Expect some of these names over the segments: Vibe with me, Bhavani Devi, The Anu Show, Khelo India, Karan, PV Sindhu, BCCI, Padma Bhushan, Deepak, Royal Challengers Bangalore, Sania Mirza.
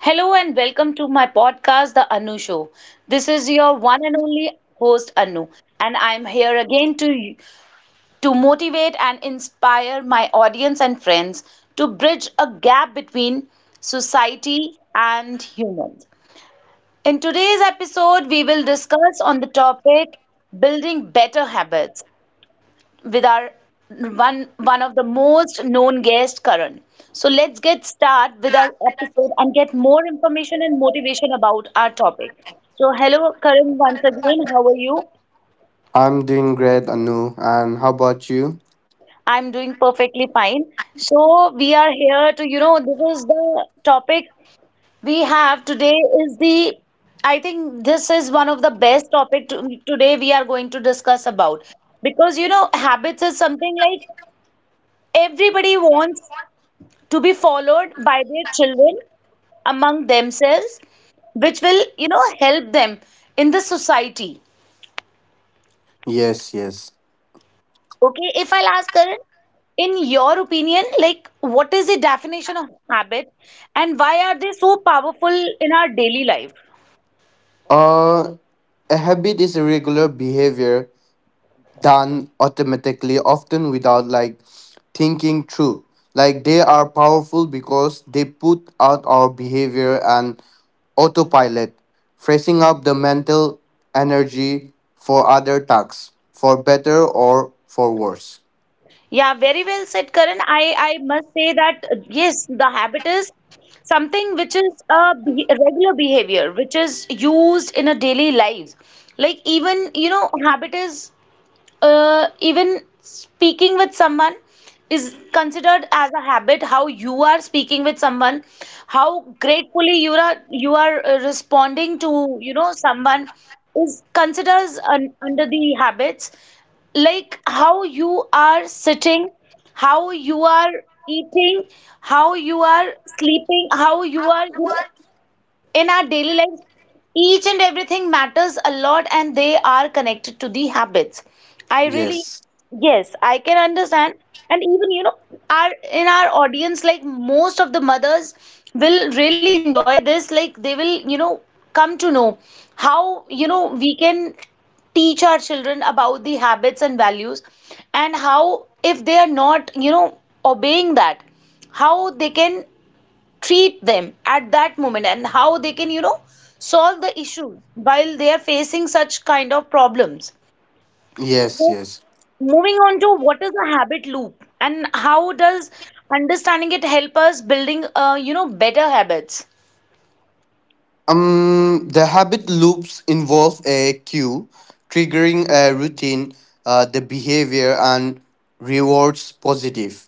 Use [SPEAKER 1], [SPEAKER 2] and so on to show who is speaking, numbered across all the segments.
[SPEAKER 1] Hello and welcome to my podcast, The Anu Show. This is your one and only host, Anu, and I'm here again to motivate and inspire my audience and friends to bridge a gap between society and humans. In today's episode, we will discuss on the topic building better habits with our one of the most known guest, Karan. So let's get start with our episode and get more information and motivation about our topic. So hello, Karan, once again. How are you?
[SPEAKER 2] I'm doing great, Anu. And how about you?
[SPEAKER 1] I'm doing perfectly fine. So we are here to, this is the topic we have today is the I think this is one of the best topic today we are going to discuss about, because you know habits is something like everybody wants to be followed by their children among themselves, which will you know help them in the society.
[SPEAKER 2] Yes, yes.
[SPEAKER 1] Okay, if I'll ask Karan, in your opinion, like what is the definition of habit and why are they so powerful in our daily life?
[SPEAKER 2] Uh, a habit is a regular behavior done automatically, often without like thinking through. Like they are powerful because they put out our behavior and autopilot, freeing up the mental energy for other tasks, for better or for worse.
[SPEAKER 1] Yeah, very well said, Karan. I must say that yes, the habit is something which is a a regular behavior which is used in a daily lives. Like, even you know, habit is, even speaking with someone is considered as a habit. How you are speaking with someone, how gratefully you are responding to, you know, someone is considers under the habits. Like how you are sitting, how you are eating, how you are sleeping, how you are, you know, in our daily life, each and everything matters a lot and they are connected to the habits. I really,
[SPEAKER 2] Yes,
[SPEAKER 1] yes, I can understand. And even, you know, our in our audience, like most of the mothers will really enjoy this, like they will, you know, come to know how, you know, we can teach our children about the habits and values, and how if they are not, you know, obeying that, how they can treat them at that moment, and how they can, you know, solve the issue while they are facing such kind of problems.
[SPEAKER 2] yes,
[SPEAKER 1] Mo-
[SPEAKER 2] yes.
[SPEAKER 1] Moving on to, what is a habit loop and how does understanding it help us building you know, better habits?
[SPEAKER 2] The habit loops involve a cue triggering a routine, the behavior, and rewards positive.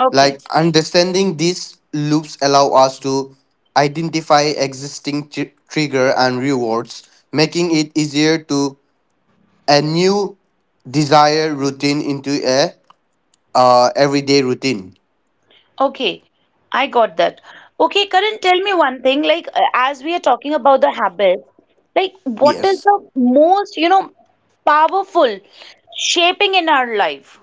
[SPEAKER 1] Okay.
[SPEAKER 2] Like understanding these loops allow us to identify existing trigger and rewards, making it easier to a new desire routine into a everyday routine.
[SPEAKER 1] Okay, I got that. Okay, Karan, tell me one thing, like as we are talking about the habits, like what is
[SPEAKER 2] Yes.
[SPEAKER 1] the most, you know, powerful shaping in our life?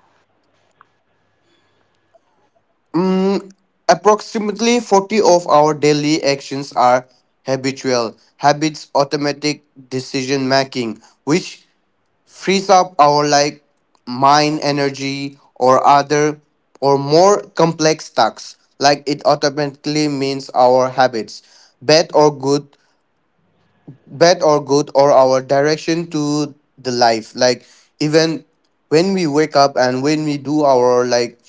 [SPEAKER 2] Mm, approximately 40 of our daily actions are habitual habits automatic decision making which frees up our like mind energy or other or more complex tasks, like it automatically means our habits bad or good, or our direction to the life, like even when we wake up and when we do our like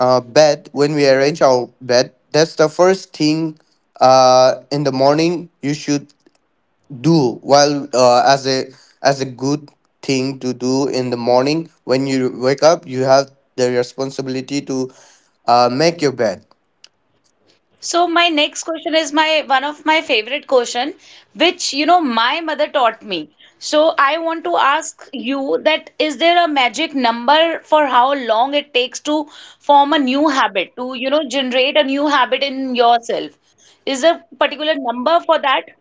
[SPEAKER 2] bed, when we arrange our bed. That's the first thing in the morning you should do. While as a good thing to do in the morning when you wake up, you have the responsibility to make your bed.
[SPEAKER 1] So my next question is my one of my favorite question, which you know my mother taught me. So I want to ask you that, is there a magic number for how long it takes to form a new habit, to you know generate a new habit in yourself? Is there a particular number for that?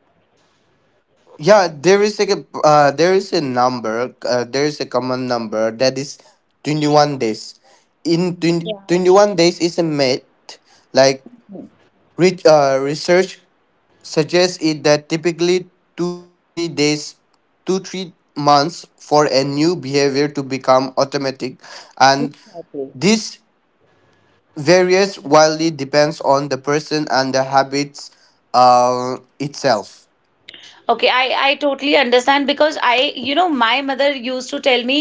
[SPEAKER 2] Yeah, there is a number. There is a common number that is 21 days. In twenty twenty one days is a myth. Like research suggests it that typically 2-3 days, 2-3 months for a new behavior to become automatic, and this varies wildly depends on the person and the habits itself.
[SPEAKER 1] Okay, I totally understand, because I, you know, my mother used to tell me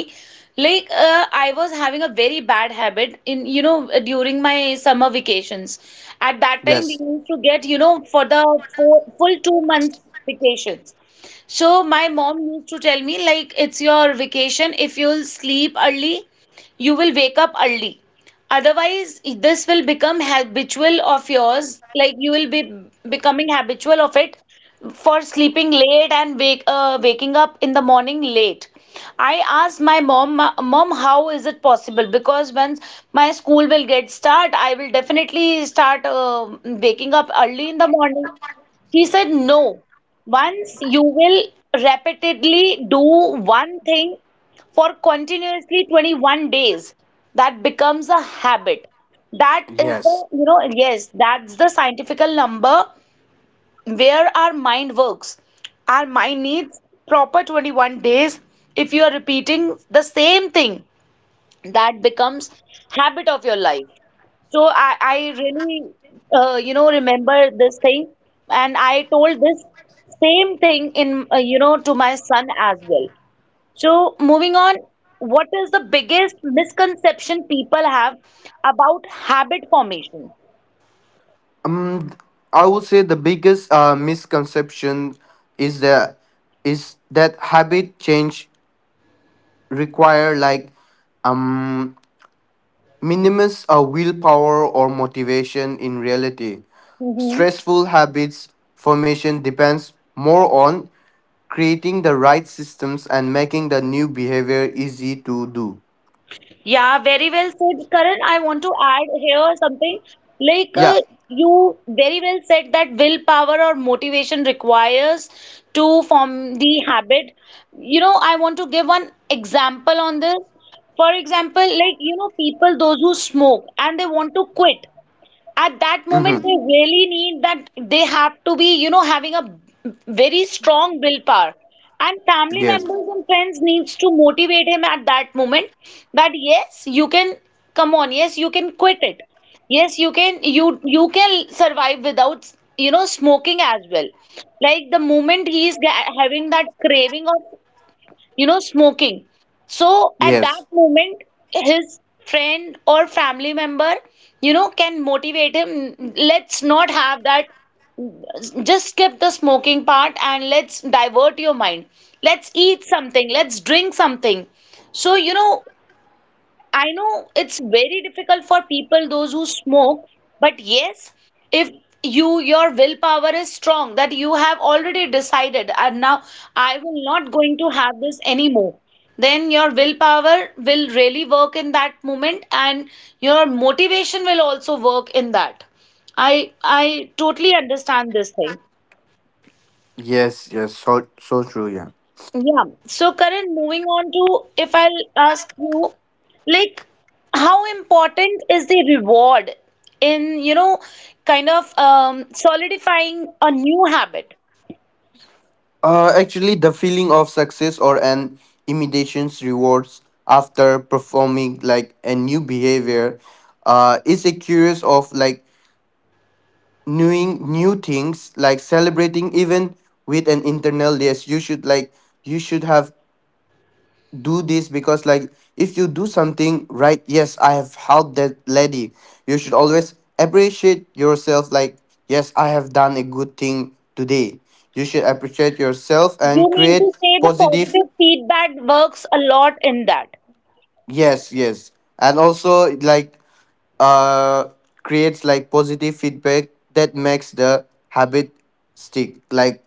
[SPEAKER 1] like, I was having a very bad habit in, you know, during my summer vacations. At that time, we
[SPEAKER 2] Yes,
[SPEAKER 1] used to get, you know, for the full, full 2 months vacations. So my mom used to tell me like, it's your vacation. If you'll sleep early, you will wake up early. Otherwise, this will become habitual of yours. Like you will be becoming habitual of it, for sleeping late and wake waking up in the morning late. I asked my mom, Mom, how is it possible? Because once my school will get start, I will definitely start waking up early in the morning." He said, "No. Once you will repeatedly do one thing for continuously 21 days, that becomes a habit. That is the,
[SPEAKER 2] yes.
[SPEAKER 1] you know, yes, that's the scientifical number where our mind works. Our mind needs proper 21 days if you are repeating the same thing, that becomes habit of your life." So I really you know, remember this thing, and I told this same thing in, you know, to my son as well. So moving on, what is the biggest misconception people have about habit formation?
[SPEAKER 2] um I would say the biggest misconception is the is that habit change require like, um minimize our willpower or motivation in reality. Stressful habits formation depends more on creating the right systems and making the new behavior easy to do.
[SPEAKER 1] Yeah, very well said, Karan. I want to add here something. Like,
[SPEAKER 2] Yeah.
[SPEAKER 1] you very well said that willpower or motivation requires to form the habit. You know, I want to give one example on this. For example, like, you know, people those who smoke and they want to quit, at that moment,
[SPEAKER 2] Mm-hmm.
[SPEAKER 1] they really need that they have to be, you know, having a very strong willpower. And family
[SPEAKER 2] Yes.
[SPEAKER 1] members and friends needs to motivate him at that moment, that yes, you can, come on, yes, you can quit it. Yes, you can, you can survive without, you know, smoking as well. Like, the moment he is having that craving of, you know, smoking. So at that
[SPEAKER 2] Yes.
[SPEAKER 1] moment, his friend or family member, you know, can motivate him. Let's not have that. Just skip the smoking part and let's divert your mind. Let's eat something. Let's drink something. So, you know, I know it's very difficult for people those who smoke, but yes, if you, your willpower is strong, that you have already decided and now I will not going to have this anymore. Then your willpower will really work in that moment and your motivation will also work in that. I totally understand this thing.
[SPEAKER 2] Yes. Yes. So true. Yeah.
[SPEAKER 1] Yeah. So, Karan, moving on to, if I'll ask you, like, how important is the reward in, you know, kind of solidifying a new habit?
[SPEAKER 2] Actually, the feeling of success or an imitation's rewards after performing like a new behavior, is a curious of like knowing new things, like celebrating even with an internal list. You should like, you should have do this, because like if you do something right, yes, I have helped that lady, you should always appreciate yourself, like yes, I have done a good thing today. You should appreciate yourself
[SPEAKER 1] You
[SPEAKER 2] and
[SPEAKER 1] mean to
[SPEAKER 2] create
[SPEAKER 1] say the
[SPEAKER 2] positive.
[SPEAKER 1] positive feedback works a lot in that.
[SPEAKER 2] Yes, yes. And also like uh creates like positive feedback that makes the habit stick, like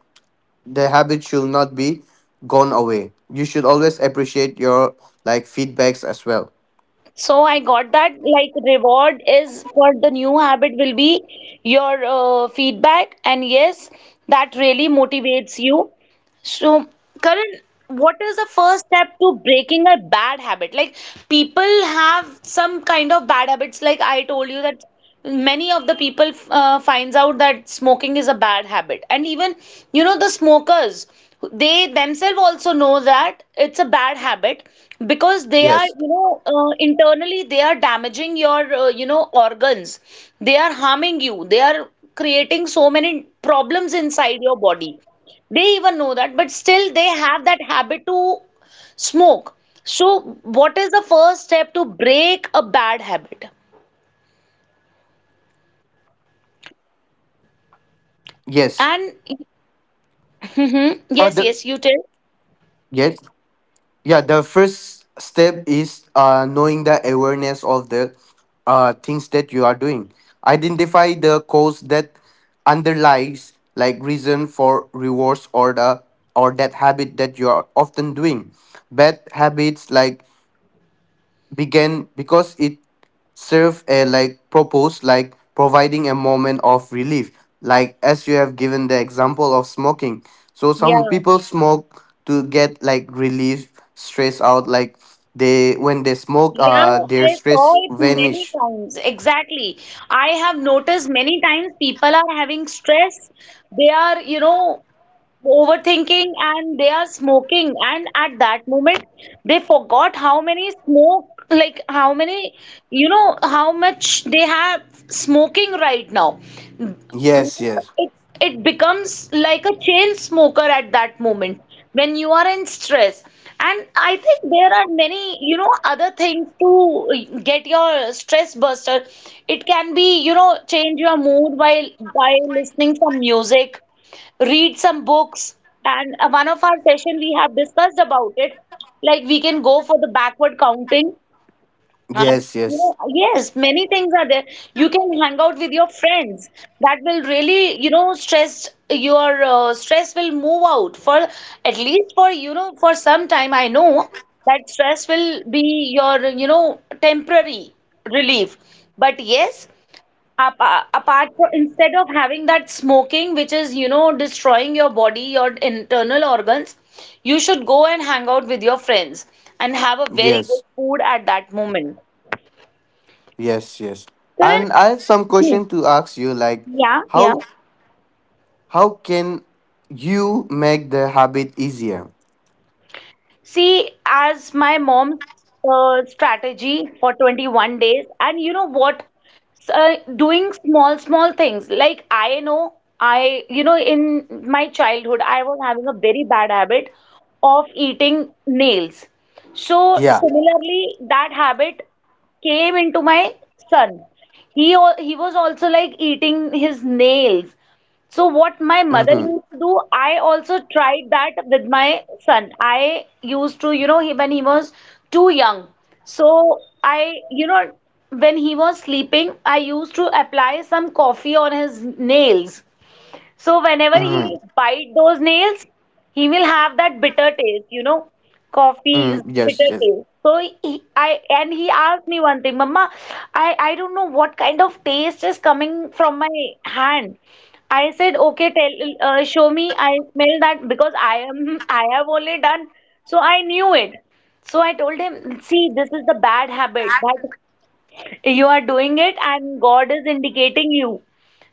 [SPEAKER 2] the habit should not be gone away. You should always appreciate your like feedbacks as well.
[SPEAKER 1] So I got that, like reward is for the new habit will be your feedback, and yes, that really motivates you. So, Karan, what is the first step to breaking a bad habit? Like, people have some kind of bad habits. Like I told you that many of the people finds out that smoking is a bad habit, and even, you know, the smokers, they themselves also know that it's a bad habit, because they are,
[SPEAKER 2] Yes.
[SPEAKER 1] you know, internally they are damaging your, you know, organs. They are harming you. They are creating so many problems inside your body, they even know that, but still they have that habit to smoke. So, what is the first step to break a bad habit?
[SPEAKER 2] Yes.
[SPEAKER 1] And
[SPEAKER 2] The
[SPEAKER 1] Mhm. Yes, yes, you
[SPEAKER 2] Yes.
[SPEAKER 1] tell.
[SPEAKER 2] Yeah, the first step is knowing the awareness of the things that you are doing. Identify the cause that underlies like reason for rewards, or that habit that you are often doing. Bad habits like began because it served a like purpose, like providing a moment of relief, like as you have given the example of smoking. So some
[SPEAKER 1] Yeah.
[SPEAKER 2] people smoke to get like relief stress out, like they, when they smoke,
[SPEAKER 1] Yeah,
[SPEAKER 2] their
[SPEAKER 1] I saw
[SPEAKER 2] stress
[SPEAKER 1] it many
[SPEAKER 2] vanish.
[SPEAKER 1] times. Exactly. I have noticed many times people are having stress. They are, you know, overthinking and they are smoking, and at that moment they forgot how many smoke, like how many, you know, how much they have smoking right now. You
[SPEAKER 2] Yes,
[SPEAKER 1] know,
[SPEAKER 2] yes,
[SPEAKER 1] it's, it becomes like a chain smoker at that moment, when you are in stress. And I think there are many, you know, other things to get your stress buster. It can be, you know, change your mood while, by listening some music, read some books. And one of our session we have discussed about it, like we can go for the backward counting,
[SPEAKER 2] yes,
[SPEAKER 1] you
[SPEAKER 2] yes,
[SPEAKER 1] know, yes, many things are there. You can hang out with your friends. That will really, you know, stress your, stress will move out for at least for, you know, for some time. I know that stress will be your, you know, temporary relief. But yes, apart from instead of having that smoking, which is, you know, destroying your body, your internal organs, you should go and hang out with your friends and have a very good
[SPEAKER 2] yes,
[SPEAKER 1] food at that moment.
[SPEAKER 2] yes, yes.
[SPEAKER 1] So
[SPEAKER 2] And I have some
[SPEAKER 1] Hmm.
[SPEAKER 2] question to ask you, like
[SPEAKER 1] Yeah, yeah.
[SPEAKER 2] how how can you make the habit easier?
[SPEAKER 1] See, as my mom's strategy for 21 days, and you know what? S- Uh, Doing small, small things. Like, I know, I, you know, in my childhood, I was having a very bad habit of eating nails. So
[SPEAKER 2] Yeah.
[SPEAKER 1] similarly, that habit came into my son. He he was also like eating his nails. So what my mother
[SPEAKER 2] Mm-hmm.
[SPEAKER 1] used to do, I also tried that with my son. I used to, you know, he, when he was too young. So I, you know, when he was sleeping, I used to apply some coffee on his nails. So whenever
[SPEAKER 2] Mm,
[SPEAKER 1] he bite those nails, he will have that bitter taste, you know. Coffee
[SPEAKER 2] mm,
[SPEAKER 1] is
[SPEAKER 2] yes,
[SPEAKER 1] bitter
[SPEAKER 2] yes,
[SPEAKER 1] taste. So he, I, and he asked me one thing, "Mama, I don't know what kind of taste is coming from my hand." I said, "Okay, tell, show me. I smell that, because I am, I have only done, so I knew it." So I told him, "See, this is the bad habit that you are doing it, and God is indicating you."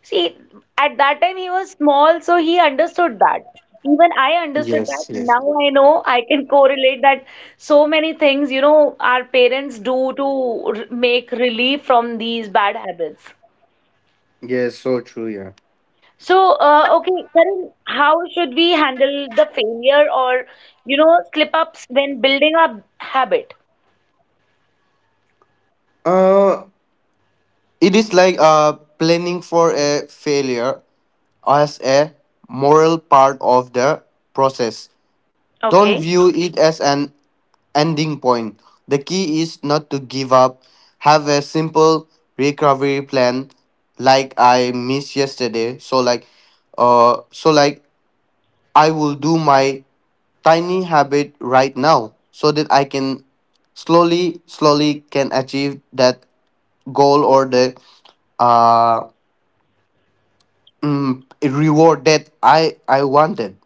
[SPEAKER 1] See, at that time he was small, so he understood that. Even I understood that.
[SPEAKER 2] yes, yes,
[SPEAKER 1] Now I know I can correlate that so many things, you know, our parents do to make relief from these bad habits.
[SPEAKER 2] yes. So true, yeah.
[SPEAKER 1] So, okay, Karan, how should we handle the failure or, you know, slip ups when building a habit?
[SPEAKER 2] Uh, it is like planning for a failure as a moral part of the process. Don't
[SPEAKER 1] Okay.
[SPEAKER 2] view it as an ending point. The key is not to give up. Have a simple recovery plan, like I missed yesterday. So like, I will do my tiny habit right now so that I can slowly, slowly can achieve that goal or the uh reward that I wanted.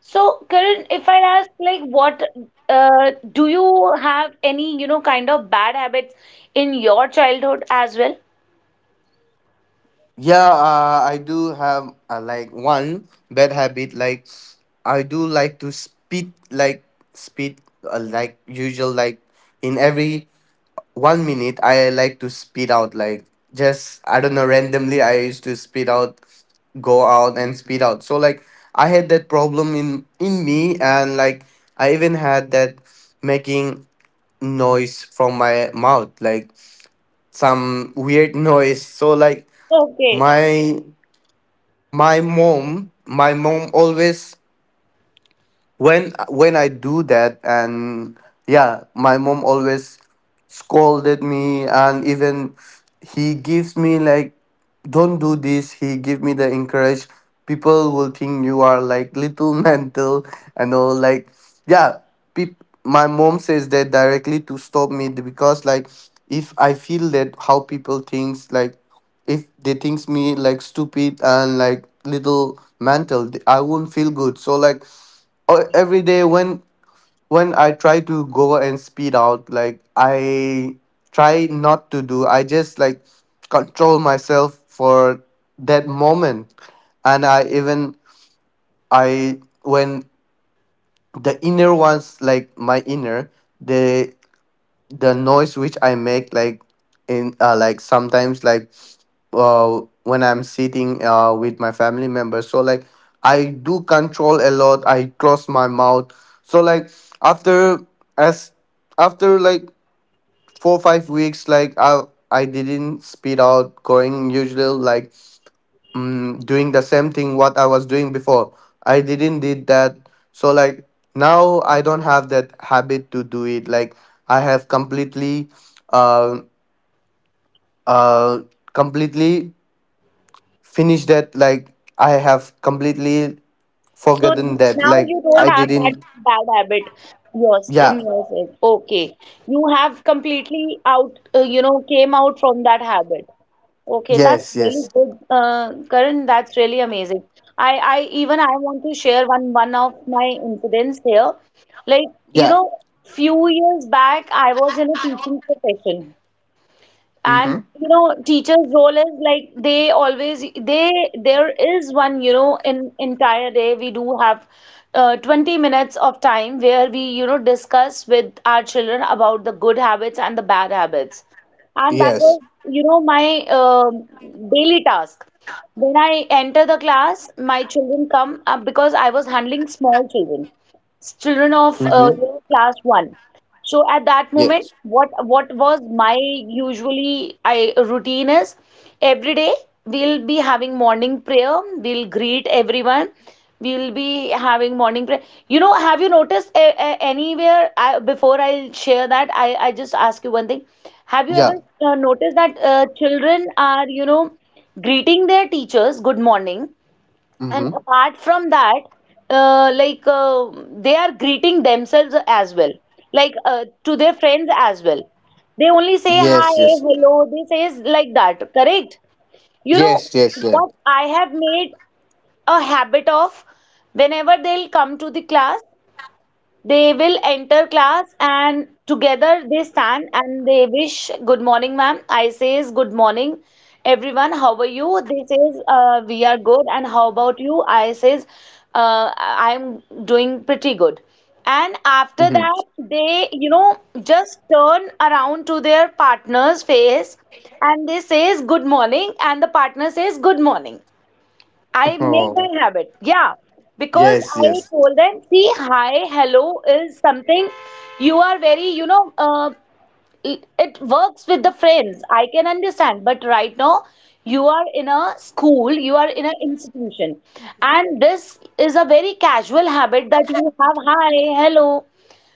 [SPEAKER 1] So, Karan, if I ask, like, what do you have any, you know, kind of bad habits in your childhood as well?
[SPEAKER 2] Yeah, I do have like one bad habit. Like I do like to speed, speed, like usual, like in every 1 minute I like to speed out, like just I don't know, randomly I used to speed out, go out and speed out. So like I had that problem in me, and like I even had that making noise from my mouth, like some weird noise, so like
[SPEAKER 1] Okay.
[SPEAKER 2] my my mom always, when I do that, and yeah, my mom always scolded me and even he gives me like, don't do this. He give me the encourage. People will think you are like little mental and all, like yeah. My mom says that directly to stop me because, like, if I feel that how people thinks, like if they thinks me like stupid and like little mental, I won't feel good. So like, every day when I try to go and speed out, like I try not to do. I just like control myself for that moment, and I even, I when the inner ones, like my inner, they, the noise which I make, like in like sometimes, like when I'm sitting with my family members. So like I do control a lot. I close my mouth. So like after as after like 4-5 weeks, like I didn't spit out going usual, like doing the same thing what I was doing before. I didn't did that. So like now I don't have that habit to do it. Like I have uh uh completely finished that, like I have completely
[SPEAKER 1] So
[SPEAKER 2] forgotten that.
[SPEAKER 1] now
[SPEAKER 2] Like
[SPEAKER 1] you don't
[SPEAKER 2] I
[SPEAKER 1] have that
[SPEAKER 2] didn't.
[SPEAKER 1] bad habit yours in
[SPEAKER 2] Yeah.
[SPEAKER 1] yourself. Okay. You have completely out, you know, came out from that habit. Okay, that's
[SPEAKER 2] Yes,
[SPEAKER 1] really
[SPEAKER 2] yes.
[SPEAKER 1] good, Karan. That's really amazing. I even I want to share one of my incidents here. Like, you
[SPEAKER 2] Yeah.
[SPEAKER 1] know, few years back, I was in a teaching profession, and
[SPEAKER 2] Mm-hmm.
[SPEAKER 1] you know teachers role is like they always they there is one, you know, in entire day we do have 20 minutes of time where we, you know, discuss with our children about the good habits and the bad habits, and that
[SPEAKER 2] Yes.
[SPEAKER 1] was, you know, my daily task. When I enter the class, my children come up because I was handling small children, children of
[SPEAKER 2] Mm-hmm.
[SPEAKER 1] you know, class one. So at that moment,
[SPEAKER 2] Yes.
[SPEAKER 1] what was my usually I routine is every day we'll be having morning prayer, we'll greet everyone, we'll be having morning prayer. You know, have you noticed a, anywhere I, before I'll share that, I just ask you one thing. Have you ever
[SPEAKER 2] Yeah.
[SPEAKER 1] noticed that children are, you know, greeting their teachers good morning, and
[SPEAKER 2] Mm-hmm.
[SPEAKER 1] apart from that, uh, like uh, they are greeting themselves as well, like to their friends as well. They only say hi,
[SPEAKER 2] Yes, yes.
[SPEAKER 1] hello, they says like that, correct? You know
[SPEAKER 2] Yes, yes, yeah.
[SPEAKER 1] what I have made a habit of? Whenever they'll come to the class, they will enter class and together they stand and they wish good morning, ma'am. I says good morning, everyone. How are you? They says we are good. And how about you? I says I'm doing pretty good. And after
[SPEAKER 2] Mm-hmm.
[SPEAKER 1] that, they, you know, just turn around to their partner's face and they says good morning and the partner says good morning. I make
[SPEAKER 2] Oh.
[SPEAKER 1] that habit. Yeah. Because
[SPEAKER 2] Yes,
[SPEAKER 1] I
[SPEAKER 2] yes.
[SPEAKER 1] told them, see, hi, hello is something you are very, you know, it, it works with the friends. I can understand. But right now, you are in a school, you are in an institution. And this is a very casual habit that you have, hi, hello.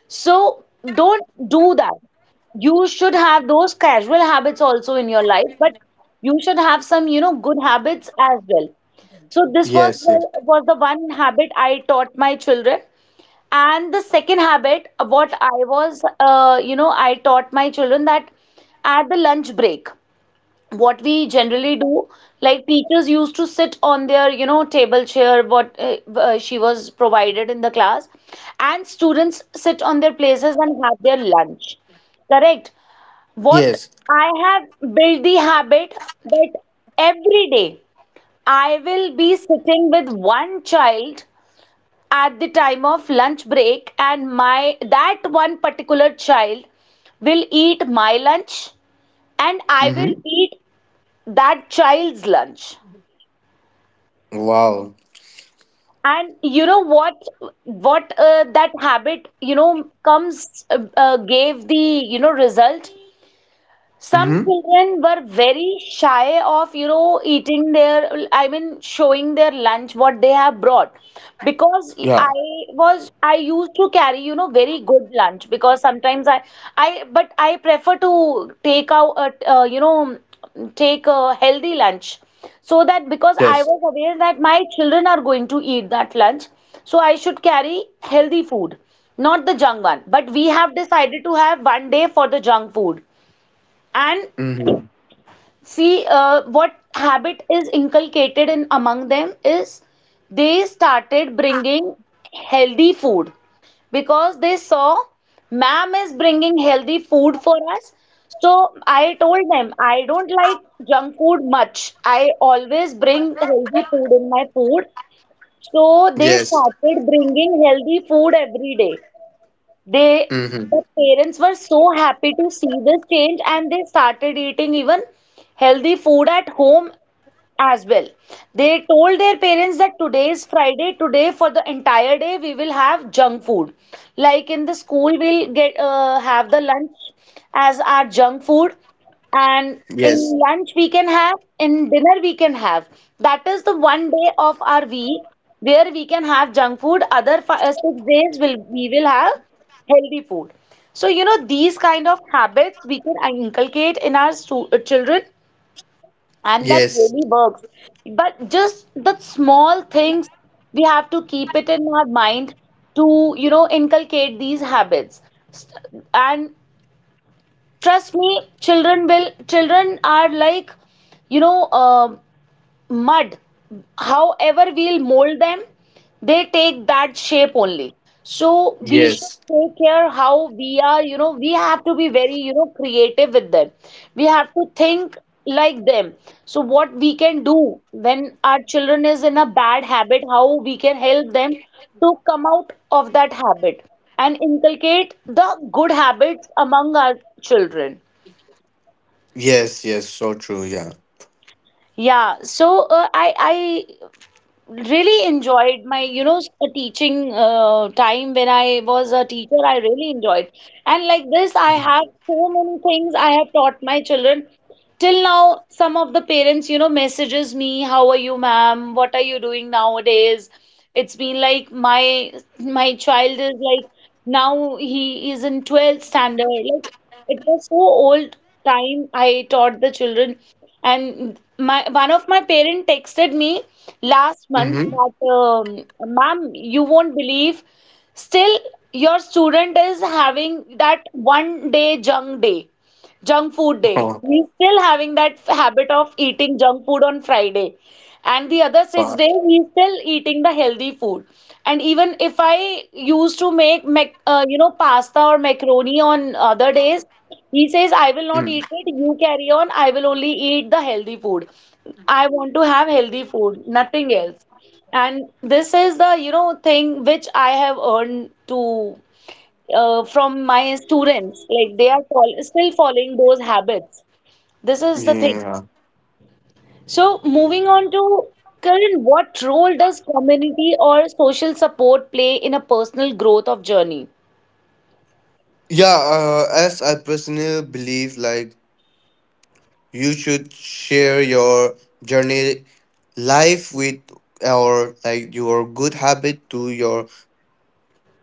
[SPEAKER 1] So don't do that. You should have those casual habits also in your life, but you should have some, you know, good habits as well. So this
[SPEAKER 2] Yes, yes.
[SPEAKER 1] was the one habit I taught my children. And the second habit, what I was, you know, I taught my children that at the lunch break what we generally do, like teachers used to sit on their, you know, table chair what she was provided in the class, and students sit on their places and have their lunch, correct? What
[SPEAKER 2] Yes.
[SPEAKER 1] I have built the habit that every day I will be sitting with one child at the time of lunch break, and my that one particular child will eat my lunch, and I will
[SPEAKER 2] Mm-hmm.
[SPEAKER 1] eat that child's lunch.
[SPEAKER 2] Wow.
[SPEAKER 1] And you know what? What that habit, you know, comes gave the, you know, result. Some
[SPEAKER 2] Mm-hmm.
[SPEAKER 1] children were very shy of, you know, eating their, I mean, showing their lunch, what they have brought. Because I
[SPEAKER 2] Yeah.
[SPEAKER 1] was, I used to carry, you know, very good lunch because sometimes I, but I prefer to take out, a, you know, take a healthy lunch. So that because I
[SPEAKER 2] Yes.
[SPEAKER 1] was aware that my children are going to eat that lunch, so I should carry healthy food, not the junk one. But we have decided to have one day for the junk food. And
[SPEAKER 2] Mm-hmm.
[SPEAKER 1] see, what habit is inculcated in among them is they started bringing healthy food because they saw ma'am is bringing healthy food for us. So I told them I don't like junk food much. I always bring healthy food in my food. So they
[SPEAKER 2] Yes.
[SPEAKER 1] started bringing healthy food every day. They,
[SPEAKER 2] Mm-hmm.
[SPEAKER 1] the parents were so happy to see this change and they started eating even healthy food at home as well. They told their parents that today is Friday, today for the entire day we will have junk food. Like in the school, we'll get have the lunch as our junk food, and in
[SPEAKER 2] Yes.
[SPEAKER 1] lunch we can have, in dinner we can have. That is the one day of our week where we can have junk food. Other five, six days will we will have healthy food. So, you know, these kind of habits we can inculcate in our children and that
[SPEAKER 2] Yes.
[SPEAKER 1] really works. But just the small things, we have to keep it in our mind to, you know, inculcate these habits. St- And trust me, children will, children are like, you know, mud, however we'll mold them they take that shape only. So we should
[SPEAKER 2] Yes.
[SPEAKER 1] take care how we are, you know, we have to be very, you know, creative with them. We have to think like them. So what we can do when our children is in a bad habit, how we can help them to come out of that habit and inculcate the good habits among our children.
[SPEAKER 2] Yes, yes. So true, yeah.
[SPEAKER 1] Yeah, so I really enjoyed my, you know, teaching time when I was a teacher. I really enjoyed. And like this, I have so many things I have taught my children. Till now, some of the parents, you know, messages me, "How are you, ma'am? What are you doing nowadays?" It's been like my child is like now he is in 12th standard. Like it was so old time I taught the children, and my one of my parent texted me last month
[SPEAKER 2] Mm-hmm.
[SPEAKER 1] that ma'am, you won't believe, still your student is having that one day. Junk food day.
[SPEAKER 2] Oh,
[SPEAKER 1] He's still having that habit of eating junk food on Friday. And the other six days,
[SPEAKER 2] fuck.
[SPEAKER 1] he's still eating the healthy food. And even if I used to make, you know, pasta or macaroni on other days, he says, I will not
[SPEAKER 2] Mm.
[SPEAKER 1] eat it. You carry on. I will only eat the healthy food. I want to have healthy food, nothing else. And this is the, you know, thing which I have earned to from my students. Like they are fol still following those habits. This is the thing.
[SPEAKER 2] Yeah.
[SPEAKER 1] So moving on to Karan, what role does community or social support play in a personal growth of journey?
[SPEAKER 2] Yeah, as I personally believe, like, you should share your journey life with, or like your good habit to your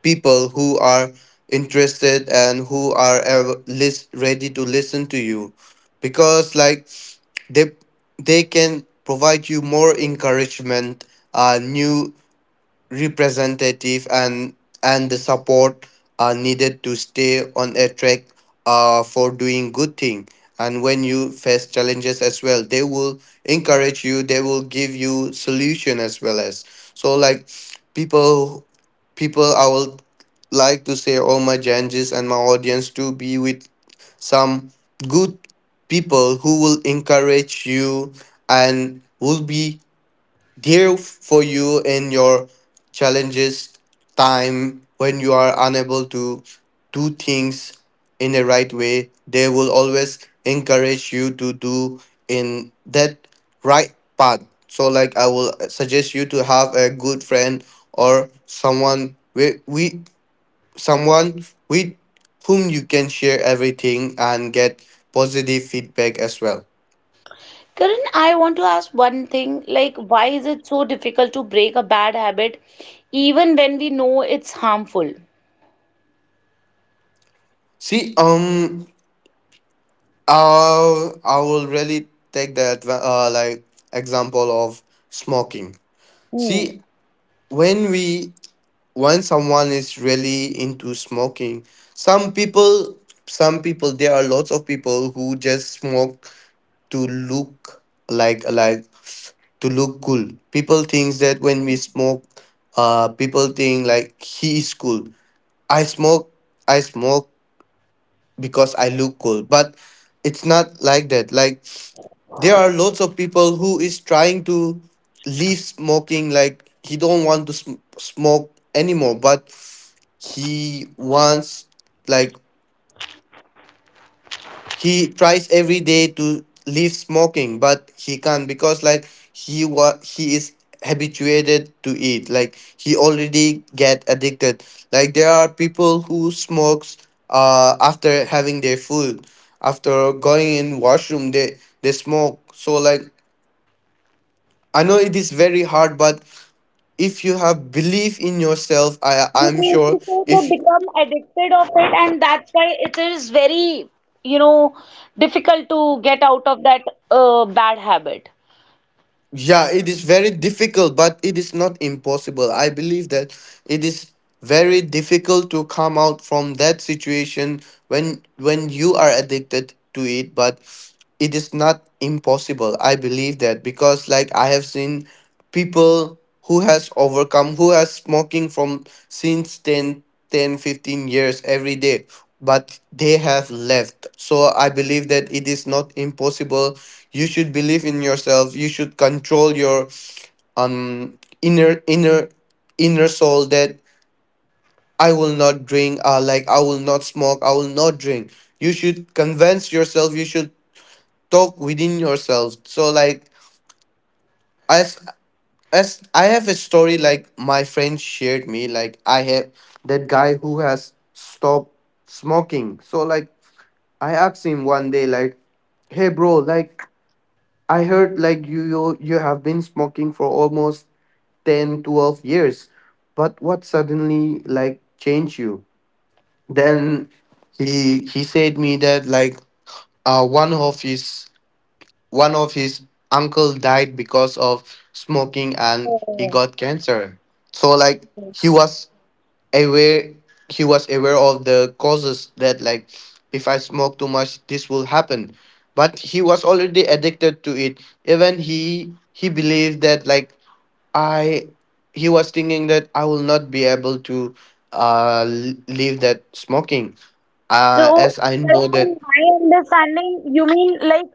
[SPEAKER 2] people who are interested and who are ready to listen to you, because like they they can provide you more encouragement, new representative, and the support are needed to stay on a track, for doing good thing. And when you face challenges as well, they will encourage you, they will give you solution as well. As so like, people people I will like to say, all my changes and my audience, to be with some good people who will encourage you and will be there for you in your challenges time, when you are unable to do things in the right way, they will always encourage you to do in that right path. So like I will suggest you to have a good friend or someone, we someone with whom you can share everything and get positive feedback as well.
[SPEAKER 1] Karan, I want to ask one thing, like why is it so difficult to break a bad habit even when we know it's harmful?
[SPEAKER 2] See, I will really take the like, example of smoking.
[SPEAKER 1] Hmm.
[SPEAKER 2] See, when we when someone is really into smoking, some people, some people, there are lots of people who just smoke to look, like to look cool. People thinks that when we smoke, people think like he is cool. I smoke, I smoke because I look cool, but it's not like that. Like there are lots of people who is trying to leave smoking, like he don't want to smoke anymore, but he wants, like he tries every day to leave smoking, but he can't because, like, he, what he is habituated to it, like he already get addicted. Like there are people who smokes after having their food, after going in washroom, they smoke, so like I know it is very hard, but if you have belief in yourself,
[SPEAKER 1] You
[SPEAKER 2] I'm
[SPEAKER 1] mean
[SPEAKER 2] sure
[SPEAKER 1] to say
[SPEAKER 2] if.
[SPEAKER 1] they become addicted of it, and that's why it is very, you know, difficult to get out of that bad habit.
[SPEAKER 2] Yeah, it is very difficult, but it is not impossible. I believe that it is very difficult to come out from that situation when you are addicted to it, but it is not impossible. I believe that because, like, I have seen people who has overcome, who has smoking from since ten, ten, fifteen years every day, but they have left. So I believe that it is not impossible. You should believe in yourself. You should control your um inner inner inner soul that I will not drink, like I will not smoke, I will not drink. You should convince yourself, you should talk within yourself. So like as as I have a story, like my friend shared me, like I have that guy who has stopped smoking. So like I asked him one day, like, hey bro, like I heard like you have been smoking for almost 10-12 years. But what suddenly like changed you? Then he said me that like uh one of his one of his uncle died because of smoking and he got
[SPEAKER 1] Oh,
[SPEAKER 2] cancer. So like
[SPEAKER 1] yes.
[SPEAKER 2] aware he was aware of the causes that, like, if I smoke too much this will happen, but he was already addicted to it. Even he believed that, like, I he was thinking that I will not be able to leave that smoking,
[SPEAKER 1] So,
[SPEAKER 2] as I
[SPEAKER 1] sir,
[SPEAKER 2] know that.
[SPEAKER 1] in my understanding, you mean like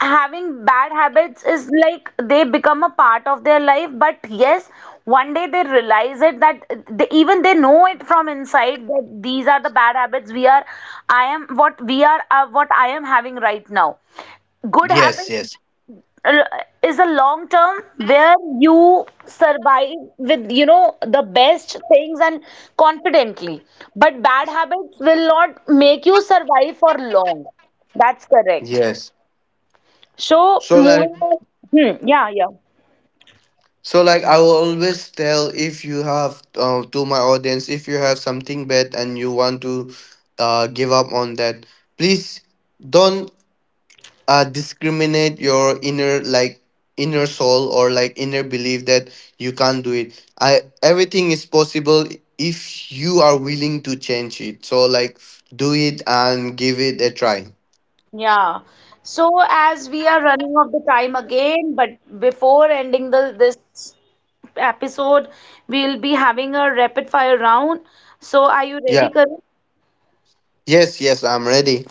[SPEAKER 1] having bad habits is like they become a part of their life, but yes, one day they realize it that they even they know it from inside that these are the bad habits we are, I am what we are, what I am having right now. Good
[SPEAKER 2] Yes,
[SPEAKER 1] habit,
[SPEAKER 2] yes,
[SPEAKER 1] uh, is a long term where you survive with, you know, the best things and confidently, but bad habits will not make you survive for long. That's correct.
[SPEAKER 2] yes.
[SPEAKER 1] So
[SPEAKER 2] So like.
[SPEAKER 1] moving on. Hmm, yeah, yeah.
[SPEAKER 2] So like I will always tell, if you have, to my audience, if you have something bad and you want to give up on that, please don't discriminate your inner, like, inner soul or like inner belief that you can't do it. I Everything is possible if you are willing to change it. So like do it and give it a try.
[SPEAKER 1] Yeah. So as we are running off the time again, but before ending the this episode, we'll be having a rapid fire round. So are you
[SPEAKER 2] Yeah.
[SPEAKER 1] ready, Karan?
[SPEAKER 2] Yes, yes, I'm ready.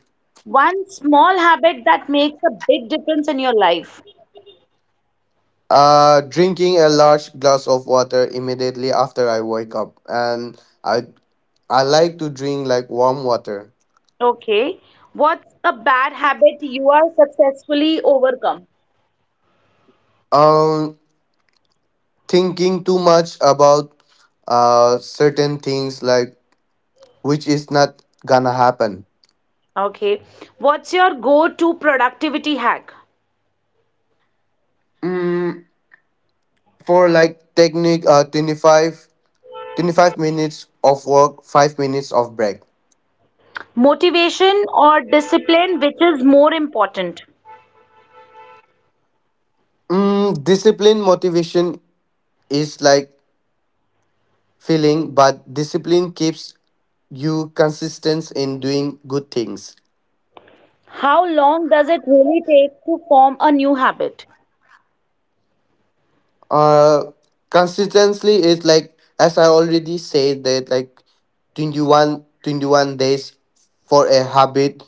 [SPEAKER 1] One small habit that makes a big difference in your life.
[SPEAKER 2] Drinking a large glass of water immediately after I wake up, and I I like to drink like warm water.
[SPEAKER 1] Okay. What's a bad habit you are successfully overcome?
[SPEAKER 2] Um, thinking too much about certain things, like which is not gonna happen.
[SPEAKER 1] Okay. What's your go-to productivity hack?
[SPEAKER 2] Mm, for like technique 25, 25 minutes of work, 5 minutes of break.
[SPEAKER 1] Motivation or discipline, which is more important?
[SPEAKER 2] Discipline motivation is like feeling, but discipline keeps you consistent in doing good things.
[SPEAKER 1] How long does it really take to form a new habit?
[SPEAKER 2] Uh, consistently, is like, as I already said, that like 21, 21 days for a habit,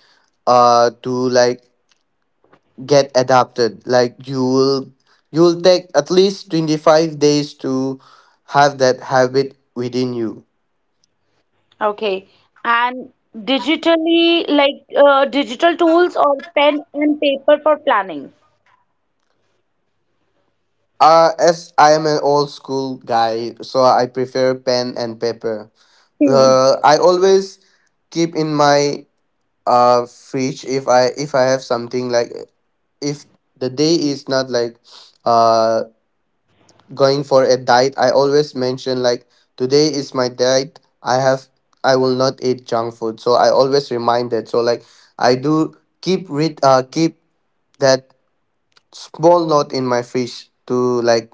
[SPEAKER 2] to like get adapted. Like you will take at least 25 days to have that habit within you.
[SPEAKER 1] Okay. And digitally, like digital tools or pen and paper for planning?
[SPEAKER 2] As I am an old school guy, so I prefer pen and paper.
[SPEAKER 1] Hmm.
[SPEAKER 2] I always keep in my fridge, if I have something, like if the day is not like uh going for a diet. I always mention like today is my diet. I will not eat junk food. So I always remind that. So like I do keep that small note in my fridge to like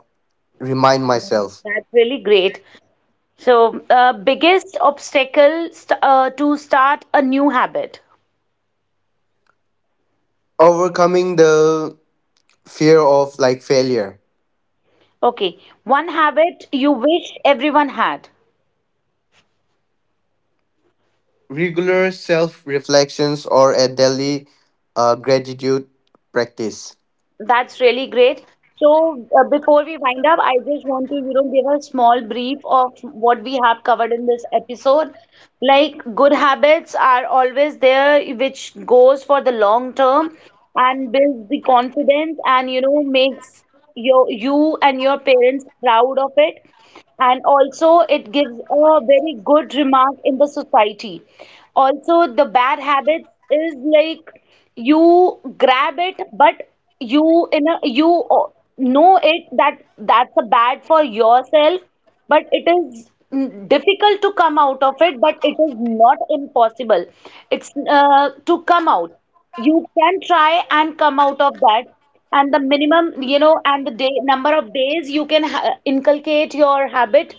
[SPEAKER 2] remind myself.
[SPEAKER 1] That's really great. So, biggest obstacle to start a new habit.
[SPEAKER 2] Overcoming the fear of like failure.
[SPEAKER 1] Okay, one habit you wish everyone had.
[SPEAKER 2] Regular self reflections or a daily gratitude practice.
[SPEAKER 1] That's really great. So, before we wind up, I just want to, you know, give a small brief of what we have covered in this episode. Like, good habits are always there, which goes for the long term and builds the confidence and, you know, makes your you and your parents proud of it. And also, it gives a very good remark in the society. Also, the bad habits is like you grab it, but you in a you know it that that's a bad for yourself, but it is difficult to come out of it, but it is not impossible. It's to come out, you can try and come out of that, and the minimum, you know, and the day number of days you can inculcate your habit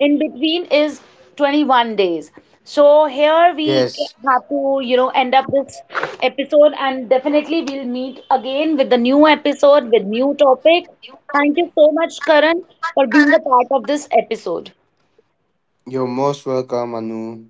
[SPEAKER 1] in between is 21 days. So here we
[SPEAKER 2] Yes,
[SPEAKER 1] have to, you know, end up this episode, and definitely we'll meet again with the new episode with new topic. Thank you so much, Karan, for being a part of this episode.
[SPEAKER 2] you're most welcome, Anu.